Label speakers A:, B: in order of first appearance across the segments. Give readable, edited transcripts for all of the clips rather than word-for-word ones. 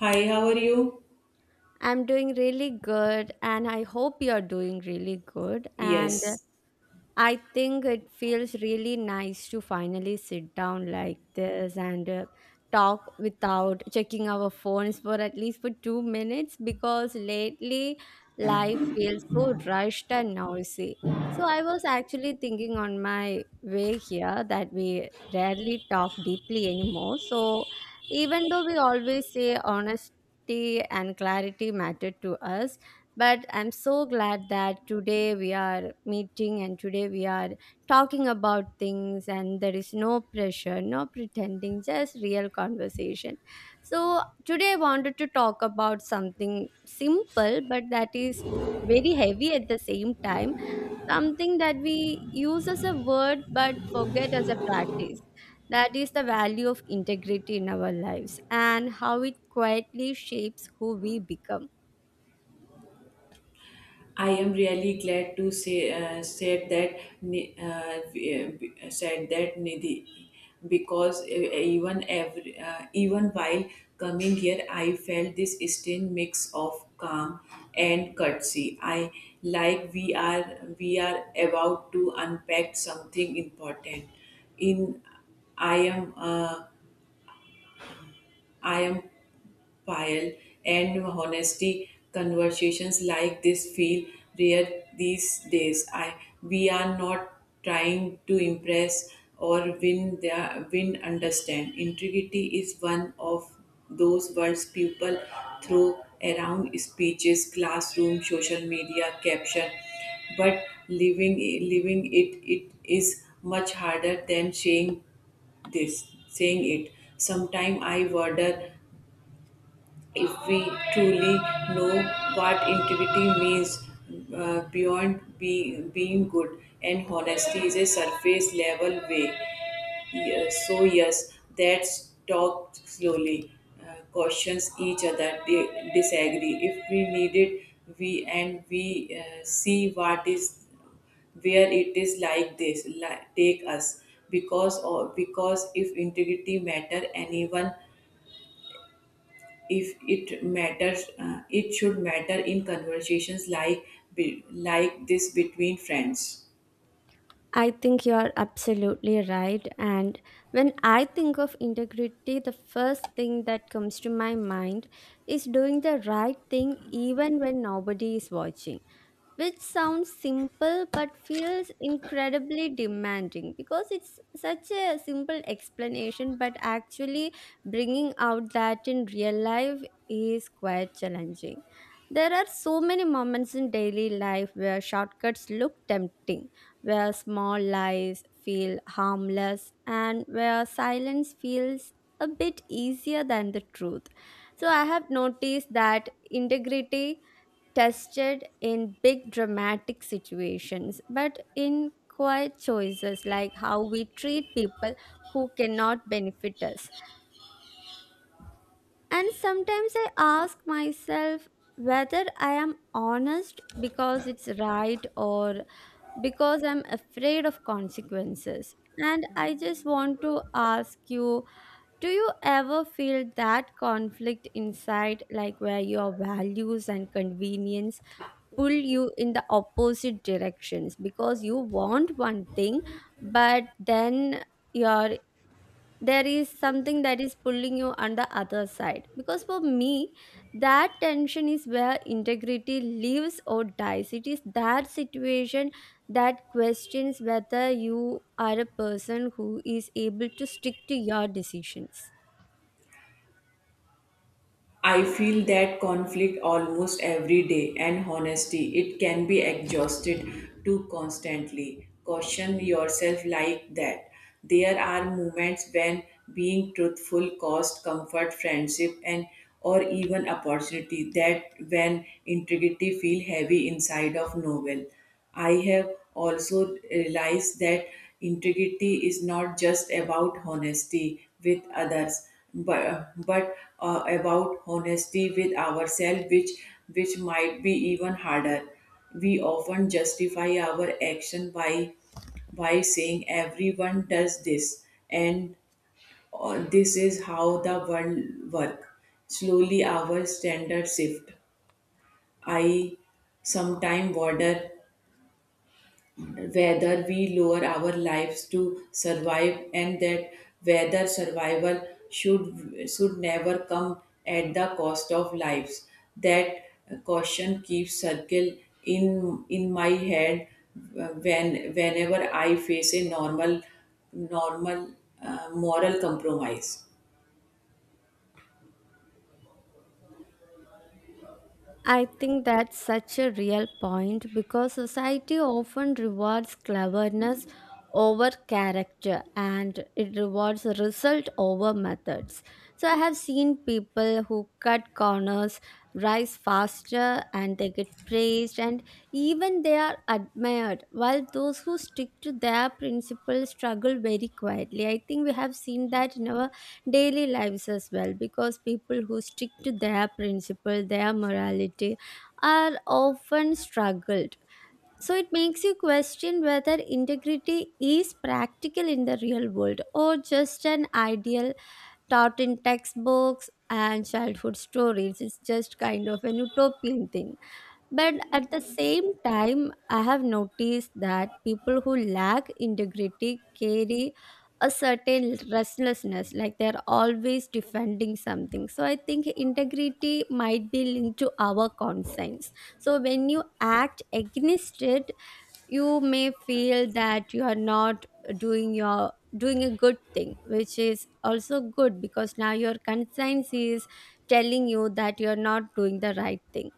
A: Hi, how are you?
B: I'm doing really good, and I hope you're doing really good. And
A: Yes,
B: I think it feels really nice to finally sit down like this and talk without checking our phones for at least for 2 minutes because lately life feels so rushed and noisy. So I was actually thinking on my way here that we rarely talk deeply anymore. So even though we always say honesty and clarity matter to us, but I'm so glad that today we are meeting and today we are talking about things, and there is no pressure, no pretending, just real conversation. So, today I wanted to talk about something simple, but that is very heavy at the same time, something that we use as a word but forget as a practice. That is the value of integrity in our lives and how it quietly shapes who we become.
A: I am really glad to say said that Ni- uh, we- Nidhi because even while coming here, I felt this strange mix of calm and courtesy. I like we are about to unpack something important. In I am uh, I am file and honesty conversations like this feel rare these days. I we are not trying to impress or win their win understand, integrity is one of those words people throw around speeches, classroom, social media caption, but living living it is much harder than saying this saying it. Sometimes I wonder if we truly know what integrity means, beyond being good, and honesty is a surface level way. Yes, so yes, that's talk slowly, cautions each other, they disagree. If we need it, we see what is where it is like this, like, take us because, or because if integrity matter anyone, if it matters, it should matter in conversations like like this, between friends.
B: I think you are absolutely right. And when I think of integrity, the first thing that comes to my mind is doing the right thing even when nobody is watching, which sounds simple but feels incredibly demanding, because it's such a simple explanation, but actually bringing out that in real life is quite challenging. There are so many moments in daily life where shortcuts look tempting, where small lies feel harmless, and where silence feels a bit easier than the truth. So I have noticed that integrity tested in big dramatic situations, but in quiet choices, like how we treat people who cannot benefit us. And sometimes I ask myself whether I am honest because it's right or because I'm afraid of consequences. And I just want to ask you, do you ever feel that conflict inside, like where your values and convenience pull you in the opposite directions, because you want one thing, but then your there is something that is pulling you on the other side. Because for me, that tension is where integrity lives or dies. It is that situation that questions whether you are a person who is able to stick to your decisions.
A: I feel that conflict almost every day, and honesty it can be exhausted too, constantly caution yourself like that. There are moments when being truthful cost comfort, friendship, and or even opportunity, that when integrity feel heavy inside of novel. I have also realized that integrity is not just about honesty with others, but about honesty with ourselves, which might be even harder. We often justify our action by saying everyone does this and this is how the world works. Slowly our standards shift. I sometimes wonder whether we lower our lives to survive, and that whether survival should never come at the cost of lives. That caution keeps circle in my head when whenever I face a normal moral compromise.
B: I think that's such a real point because society often rewards cleverness over character, and it rewards result over methods. So I have seen people who cut corners rise faster, and they get praised and even they are admired, while those who stick to their principles struggle very quietly. I think we have seen that in our daily lives as well, because people who stick to their principle, their morality, are often struggled. So it makes you question whether integrity is practical in the real world or just an ideal taught in textbooks and childhood stories. It's just kind of an utopian thing. But at the same time, I have noticed that people who lack integrity carry a certain restlessness, like they're always defending something. So I think integrity might be linked to our conscience. So when you act against it, you may feel that you are not doing a good thing, which is also good because now your conscience is telling you that you're not doing the right thing.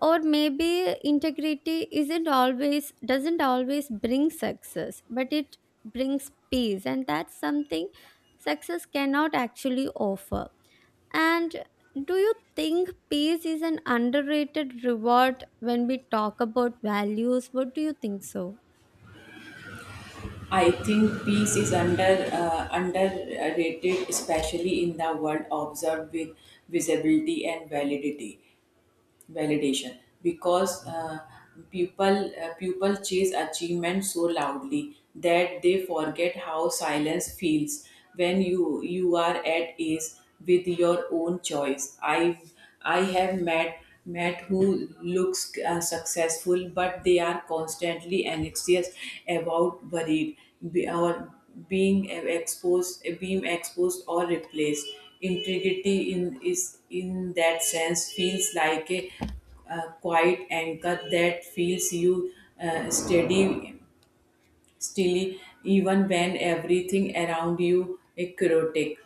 B: Or maybe integrity isn't always doesn't always bring success, but it brings peace, and that's something success cannot actually offer. And do you think peace is an underrated reward when we talk about values? What do you think so?
A: I think peace is underrated, especially in the world observed with visibility and validity. validation, because people chase achievement so loudly that they forget how silence feels when you are at ease with your own choice. I have met who looks successful, but they are constantly anxious about worried be- or being exposed or replaced. Integrity in is in that sense feels like a quiet anchor that feels you steady, still, even when everything around you is chaotic.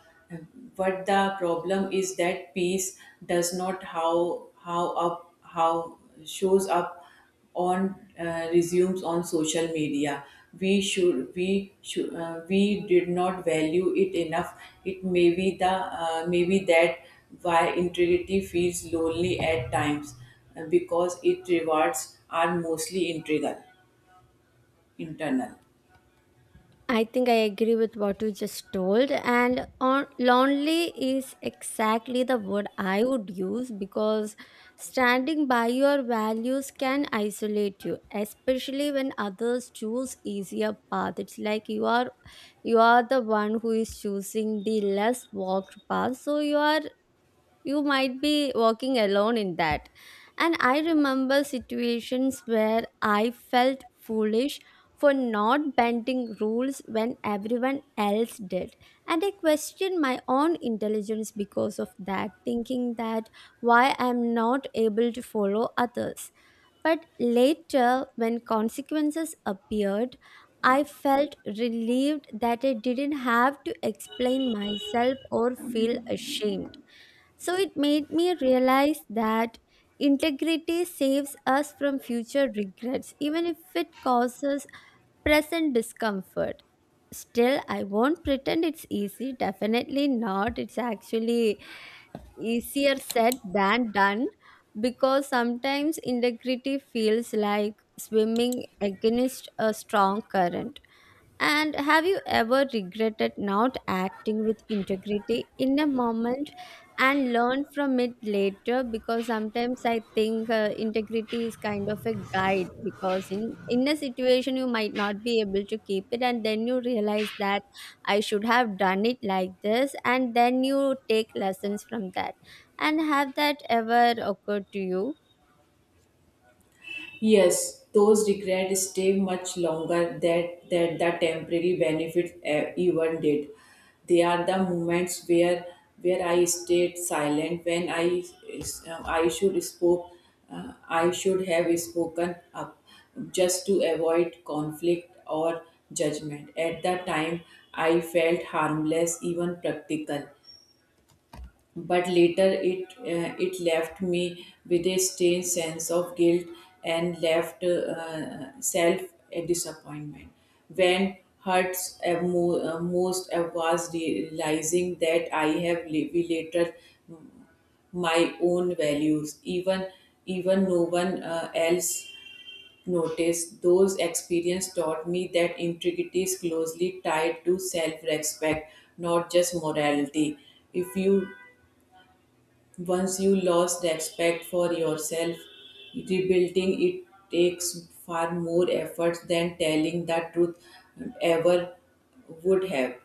A: But the problem is that peace does not how how up how shows up on resumes, on social media. We should, we did not value it enough. It may be the, maybe that why integrity feels lonely at times, because it rewards are mostly integral internal.
B: I think I agree with what you just told, lonely is exactly the word I would use, because standing by your values can isolate you, especially when others choose easier path. It's like you are the one who is choosing the less walked path, so you might be working alone in that. And I remember situations where I felt foolish for not bending rules when everyone else did, and I questioned my own intelligence because of that, thinking that why I'm not able to follow others. But later, when consequences appeared, I felt relieved that I didn't have to explain myself or feel ashamed. So it made me realize that integrity saves us from future regrets, even if it causes present discomfort. Still, I won't pretend it's easy. Definitely not. It's actually easier said than done, because sometimes integrity feels like swimming against a strong current. And have you ever regretted not acting with integrity in a moment and learned from it later? Because sometimes I think integrity is kind of a guide, because in a situation you might not be able to keep it, and then you realize that I should have done it like this, and then you take lessons from that. And have that ever occurred to you?
A: Yes, those regrets stay much longer than the temporary benefit, eh, even did. They are the moments where I stayed silent when is- um, I should spoke I should have spoken up just to avoid conflict or judgment. At that time, I felt harmless, even practical, but later it left me with a strange sense of guilt and left self a disappointment. When hurts most was realizing that I have related my own values, even even no one else noticed. Those experiences taught me that integrity is closely tied to self-respect, not just morality. If you Once you lost respect for yourself, rebuilding it takes far more effort than telling the truth ever would have.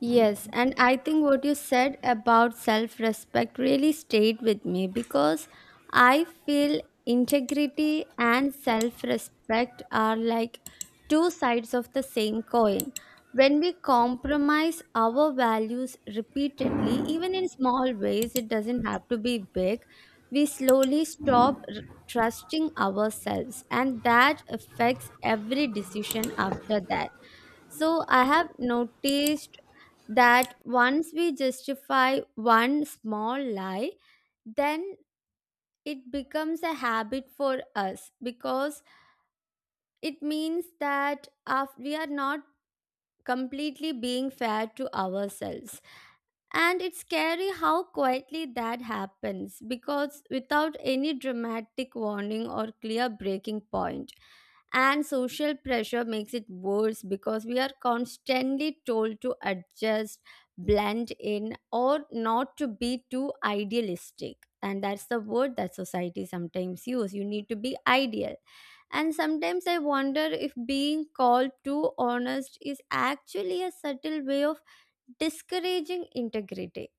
B: Yes, and I think what you said about self respect really stayed with me, because I feel integrity and self respect are like two sides of the same coin. When we compromise our values repeatedly, even in small ways, it doesn't have to be big, we slowly stop trusting ourselves, and that affects every decision after that. So I have noticed that once we justify one small lie, then it becomes a habit for us, because it means that we are not completely being fair to ourselves. And it's scary how quietly that happens, because without any dramatic warning or clear breaking point. And social pressure makes it worse, because we are constantly told to adjust, blend in, or not to be too idealistic. And that's the word that society sometimes use. You need to be ideal. And sometimes I wonder if being called too honest is actually a subtle way of discouraging integrity.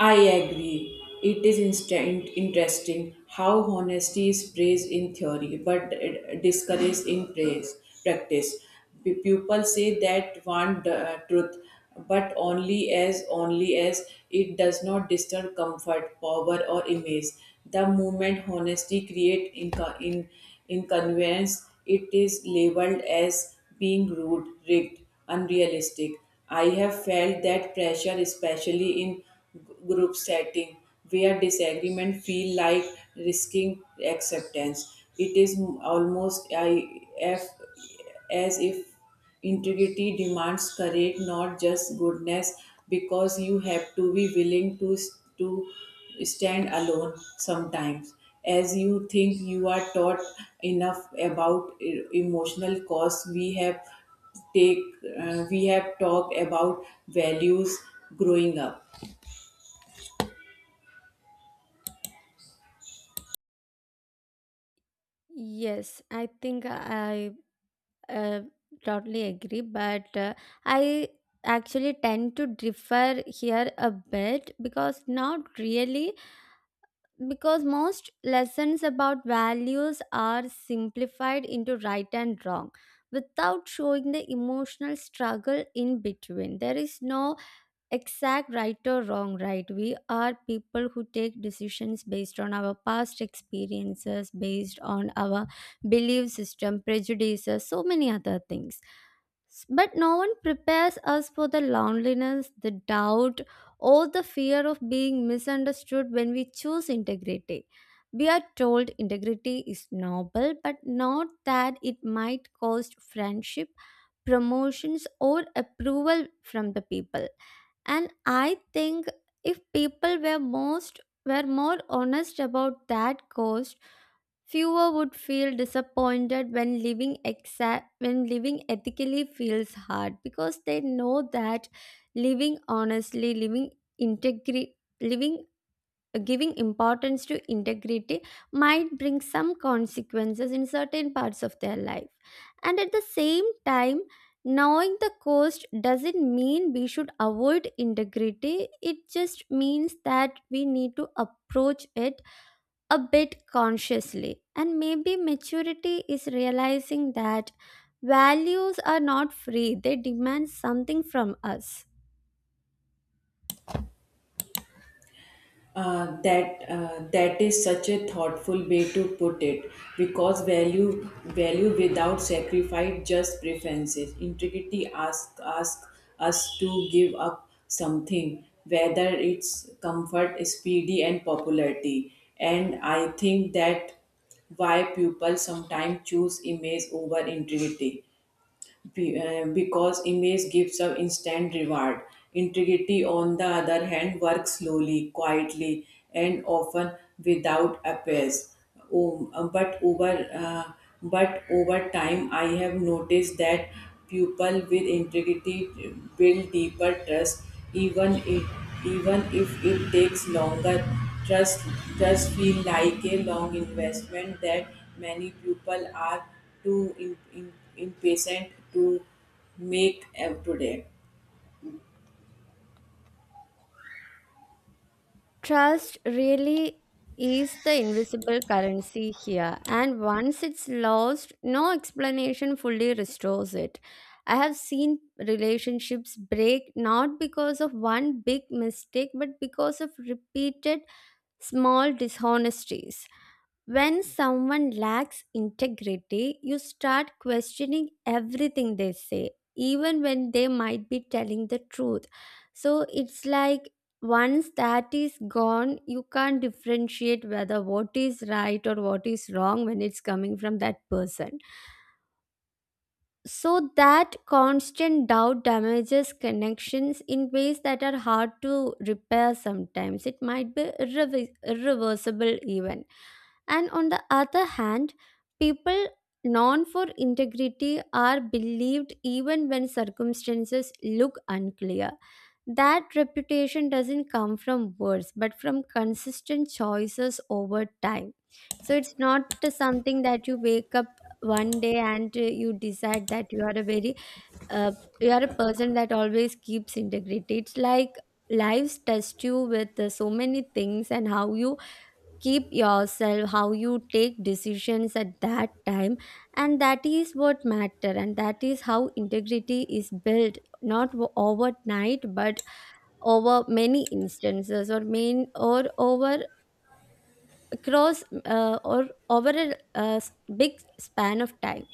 A: I agree. It is instant interesting how honesty is praised in theory but discouraged in practice. People say that want the truth, but only as it does not disturb comfort, power, or image. The moment honesty create inco- in inconvenience, it is labeled as being rude, rigged, unrealistic. I have felt that pressure, especially in group setting where disagreement feel like risking acceptance. It is almost I, if, as if integrity demands courage, not just goodness, because you have to be willing to to stand alone sometimes. As you think, you are taught enough about emotional costs we have take, we have talked about values growing up.
B: Yes, I think I uh, totally agree, but I actually tend to differ here a bit, because not really, because most lessons about values are simplified into right and wrong without showing the emotional struggle in between. There is no exact right or wrong, right, we are people who take decisions based on our past experiences, based on our belief system, prejudices, so many other things. But no one prepares us for the loneliness, the doubt, or the fear of being misunderstood when we choose integrity. We are told integrity is noble, but not that it might cost friendship, promotions, or approval from the people. And I think if people were more honest about that cost, fewer would feel disappointed when living exact when living ethically feels hard, because they know that living honestly living integri living giving importance to integrity might bring some consequences in certain parts of their life. And at the same time, knowing the cost doesn't mean we should avoid integrity, it just means that we need to approach it a bit consciously. And maybe maturity is realizing that values are not free, they demand something from us.
A: That is such a thoughtful way to put it, because value without sacrifice just preferences. Integrity asks ask us to give up something, whether it's comfort, speedy, and popularity. And I think that why people sometimes choose image over integrity, because image gives an instant reward. Integrity, on the other hand, works slowly, quietly, and often without appeals. Um, but over uh, but over time, I have noticed that people with integrity build deeper trust, even if even if it takes longer. Trust Trust feel like a long investment that many people are to impatient to make up today.
B: Trust really is the invisible currency here, and once it's lost, no explanation fully restores it. I have seen relationships break not because of one big mistake, but because of repeated small dishonesties. When someone lacks integrity, you start questioning everything they say, even when they might be telling the truth. So it's like once that is gone, you can't differentiate whether what is right or what is wrong when it's coming from that person. So that constant doubt damages connections in ways that are hard to repair sometimes. It might be irreversible, even. And on the other hand, people known for integrity are believed even when circumstances look unclear. That reputation doesn't come from words but from consistent choices over time. So it's not something that you wake up one day and you decide that you are a very uh, you are a person that always keeps integrity. It's like lives test you with so many things, and how you keep yourself, how you take decisions at that time, and that is what matter, and that is how integrity is built, not overnight, but over many instances, or over across, or over a big span of time.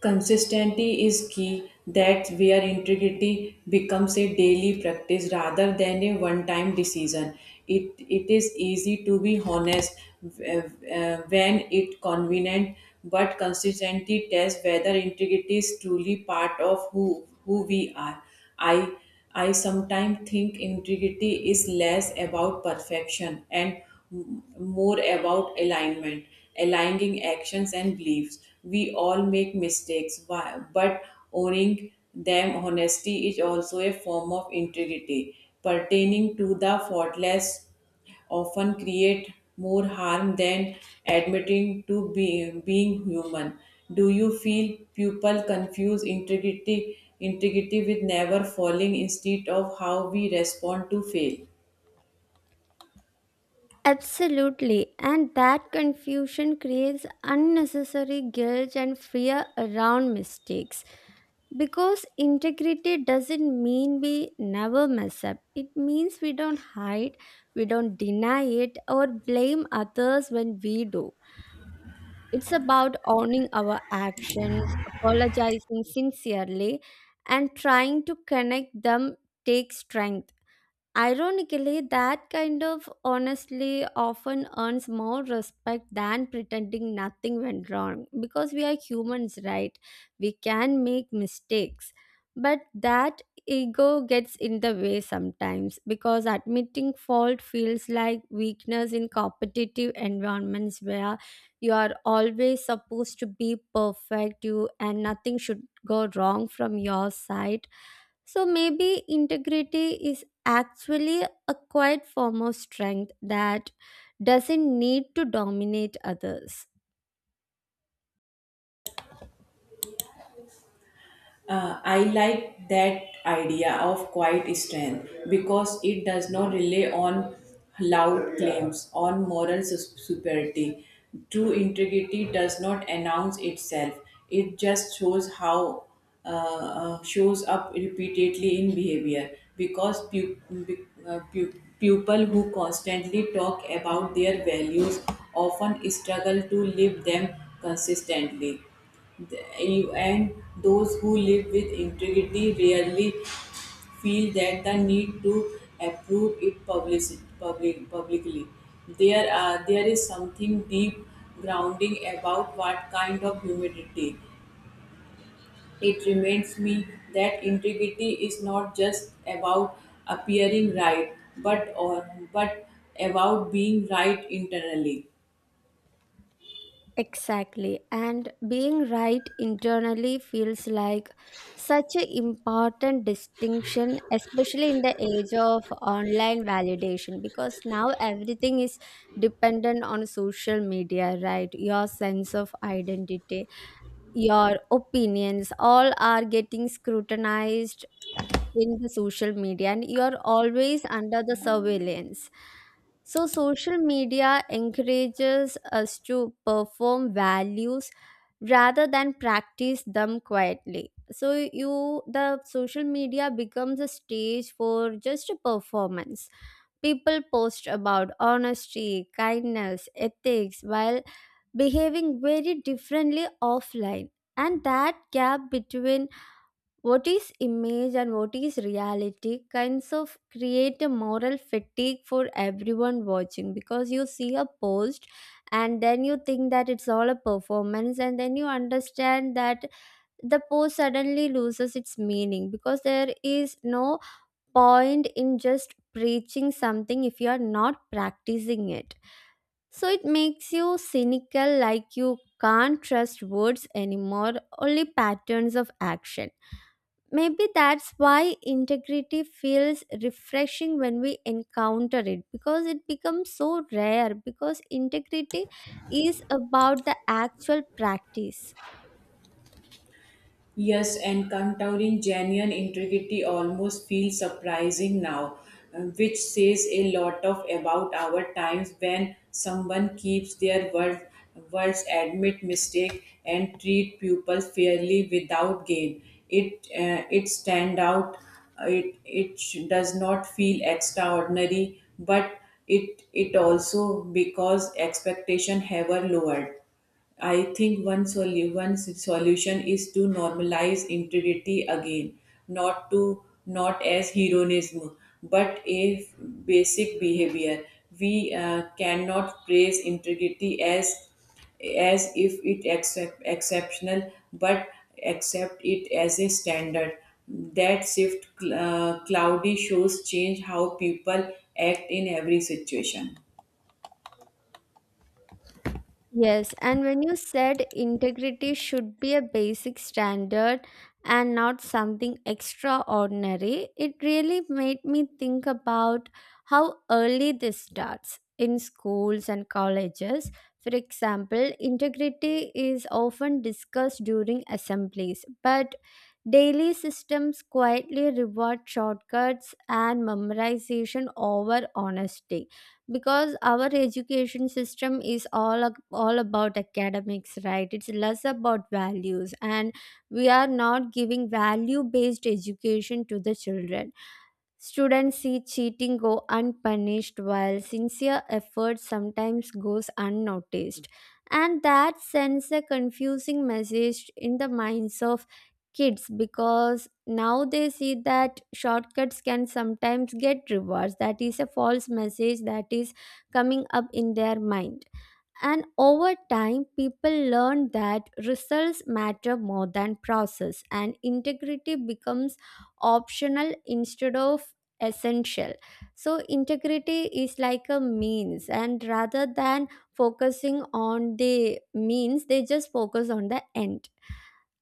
A: Consistency is key. That's where integrity becomes a daily practice rather than a one-time decision. It is easy to be honest, uh, when it convenient, but consistency tests whether integrity is truly part of who we are. I I sometimes think integrity is less about perfection and more about alignment, aligning actions and beliefs. We all make mistakes, but owning them honesty is also a form of integrity. Pertaining to the faultless often create more harm than admitting to being human. Do you feel people confuse integrity with never falling instead of how we respond to fail?
B: Absolutely, and that confusion creates unnecessary guilt and fear around mistakes. Because integrity doesn't mean we never mess up. It means we don't hide, we don't deny it, or blame others when we do. It's about owning our actions, apologizing sincerely, and trying to connect them takes strength. Ironically, that kind of honestly often earns more respect than pretending nothing went wrong, because we are humans, right? We can make mistakes, but that ego gets in the way sometimes, because admitting fault feels like weakness in competitive environments, where you are always supposed to be perfect, you, and nothing should go wrong from your side. So maybe integrity is actually a quiet form of strength that doesn't need to dominate others.
A: I like that idea of quiet strength because it does not rely on loud claims on moral superiority. True integrity does not announce itself; it just shows how shows up repeatedly in behavior. Because people who constantly talk about their values often struggle to live them consistently. And those who live with integrity rarely feel that the need to approve it publicly. There is something deep grounding about what kind of humility. It reminds me that integrity is not just about appearing right, but or but about being right internally.
B: Exactly. And being right internally feels like such an important distinction, especially in the age of online validation, because now everything is dependent on social media, right? Your sense of identity, your opinions, all are getting scrutinized in the social media, and you are always under the surveillance, so social media encourages us to perform values rather than practice them quietly. So you, the social media becomes a stage for just a performance. People post about honesty, kindness, ethics while behaving very differently offline. And that gap between what is image and what is reality kinds of create a moral fatigue for everyone watching, because you see a post and then you think that it's all a performance, and then you understand that the post suddenly loses its meaning because there is no point in just preaching something if you are not practicing it. So it makes you cynical, like you can't trust words anymore, only patterns of action. Maybe that's why integrity feels refreshing when we encounter it, because it becomes so rare. Because integrity is about the actual practice.
A: Yes, encountering genuine integrity almost feels surprising now, which says a lot of about our times when someone keeps their words, admit mistake, and treat people fairly without gain. It stand out. It does not feel extraordinary, but it also because expectation ever lowered. I think one solution is to normalize integrity again, not as heroism, but a basic behavior. We, cannot praise integrity as if it exceptional, but accept it as a standard. That shift, cloudy shows change how people act in every situation.
B: Yes, and when you said integrity should be a basic standard and not something extraordinary, it really made me think about how early this starts in schools and colleges. For example, integrity is often discussed during assemblies, but daily systems quietly reward shortcuts and memorization over honesty, because our education system is all all about academics, right? It's less about values, and we are not giving value based education to the children. Students see cheating go unpunished while sincere effort sometimes goes unnoticed. And that sends a confusing message in the minds of kids, because now they see that shortcuts can sometimes get rewards. That is a false message that is coming up in their mind. And over time, people learn that results matter more than process, and integrity becomes optional instead of essential. So, integrity is like a means, and rather than focusing on the means, they just focus on the end.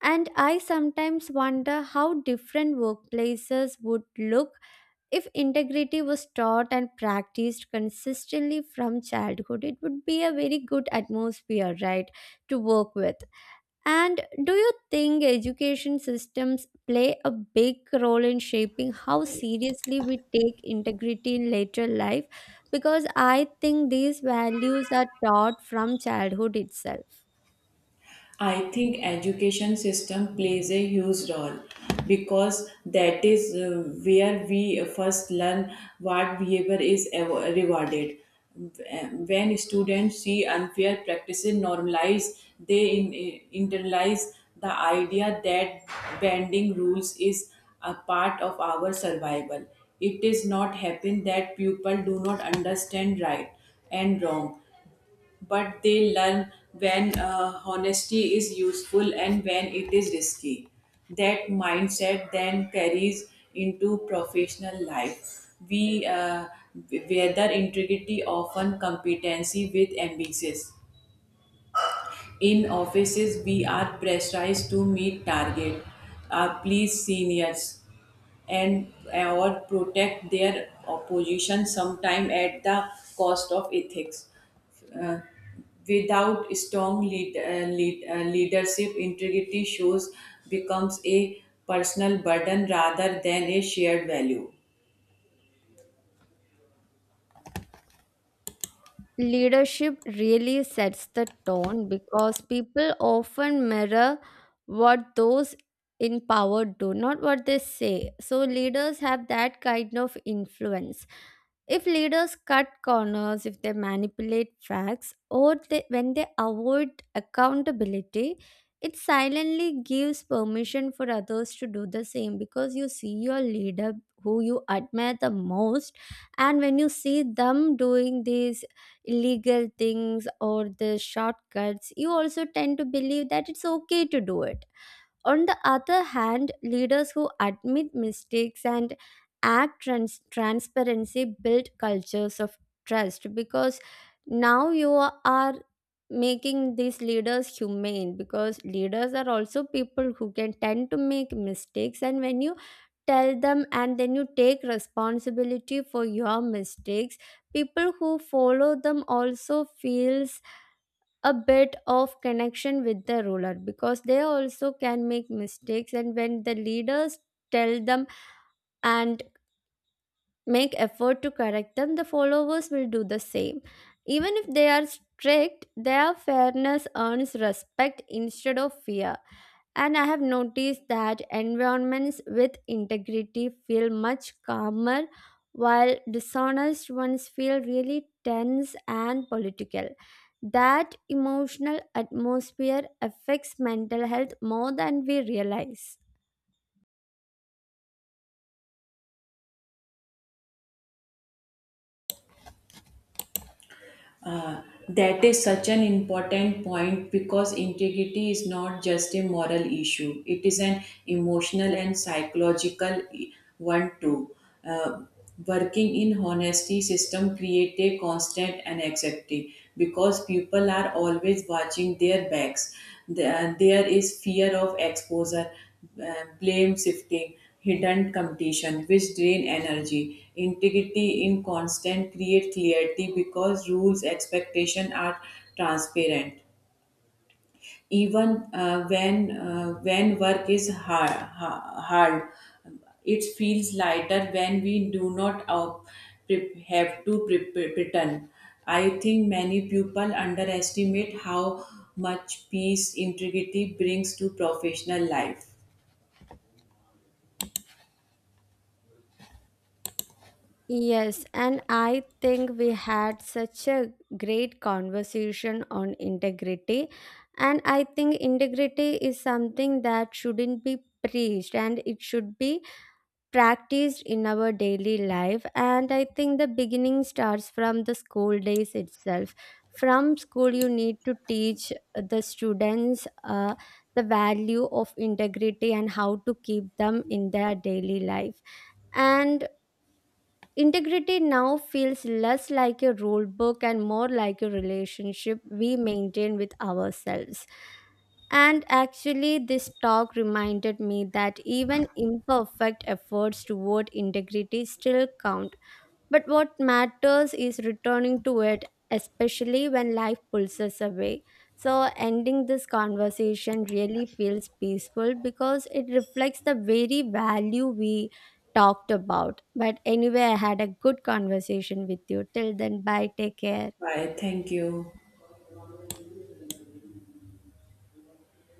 B: And I sometimes wonder how different workplaces would look if integrity was taught and practiced consistently from childhood. It would be a very good atmosphere, right, to work with. And do you think education systems play a big role in shaping how seriously we take integrity in later life? Because I think these values are taught from childhood itself.
A: I think education system plays a huge role because that is where we first learn what behavior is rewarded. When students see unfair practices normalized, they internalize the idea that bending rules is a part of our survival. It is not happen that people do not understand right and wrong, but they learn when honesty is useful and when it is risky. That mindset then carries into professional life. We, weather integrity often competency with ambitions. In offices, we are pressurized to meet target, please seniors, and or protect their opposition sometime at the cost of ethics. Uh, Without strong leadership, integrity shows becomes a personal burden rather than a shared value.
B: Leadership really sets the tone because people often mirror what those in power do, not what they say. So, leaders have that kind of influence. If leaders cut corners, if they manipulate facts, or when they avoid accountability, it silently gives permission for others to do the same, because you see your leader who you admire the most, and when you see them doing these illegal things or the shortcuts, you also tend to believe that it's okay to do it. On the other hand, leaders who admit mistakes and act transparency build cultures of trust, because now you are making these leaders humane, because leaders are also people who can tend to make mistakes, and when you tell them and then you take responsibility for your mistakes, people who follow them also feels a bit of connection with the ruler because they also can make mistakes. And when the leaders tell them and make effort to correct them, the followers will do the same. Even if they are strict, their fairness earns respect instead of fear. And I have noticed that environments with integrity feel much calmer, while dishonest ones feel really tense and political. That emotional atmosphere affects mental health more than we realize.
A: Uh, that is such an important point because integrity is not just a moral issue, it is an emotional and psychological one too. Uh, Working in honesty system create a constant anxiety because people are always watching their backs. There is fear of exposure, uh, blame shifting, hidden competition, which drain energy. Integrity in constant create clarity because rules expectation are transparent, even when work is hard, it feels lighter when we do not pre- have to pre- pre- pretend. I think many people underestimate how much peace integrity brings to professional life.
B: Yes, and I think we had such a great conversation on integrity. And I think integrity is something that shouldn't be preached, and it should be practiced in our daily life. And I think the beginning starts from the school days itself. From school, you need to teach the students the value of integrity and how to keep them in their daily life. And integrity now feels less like a rule book and more like a relationship we maintain with ourselves. And actually, this talk reminded me that even imperfect efforts toward integrity still count, but what matters is returning to it, especially when life pulls us away. So, ending this conversation really feels peaceful because it reflects the very value we talked about. But anyway, I had a good conversation with you. Till then, bye. Take care.
A: Bye, thank you.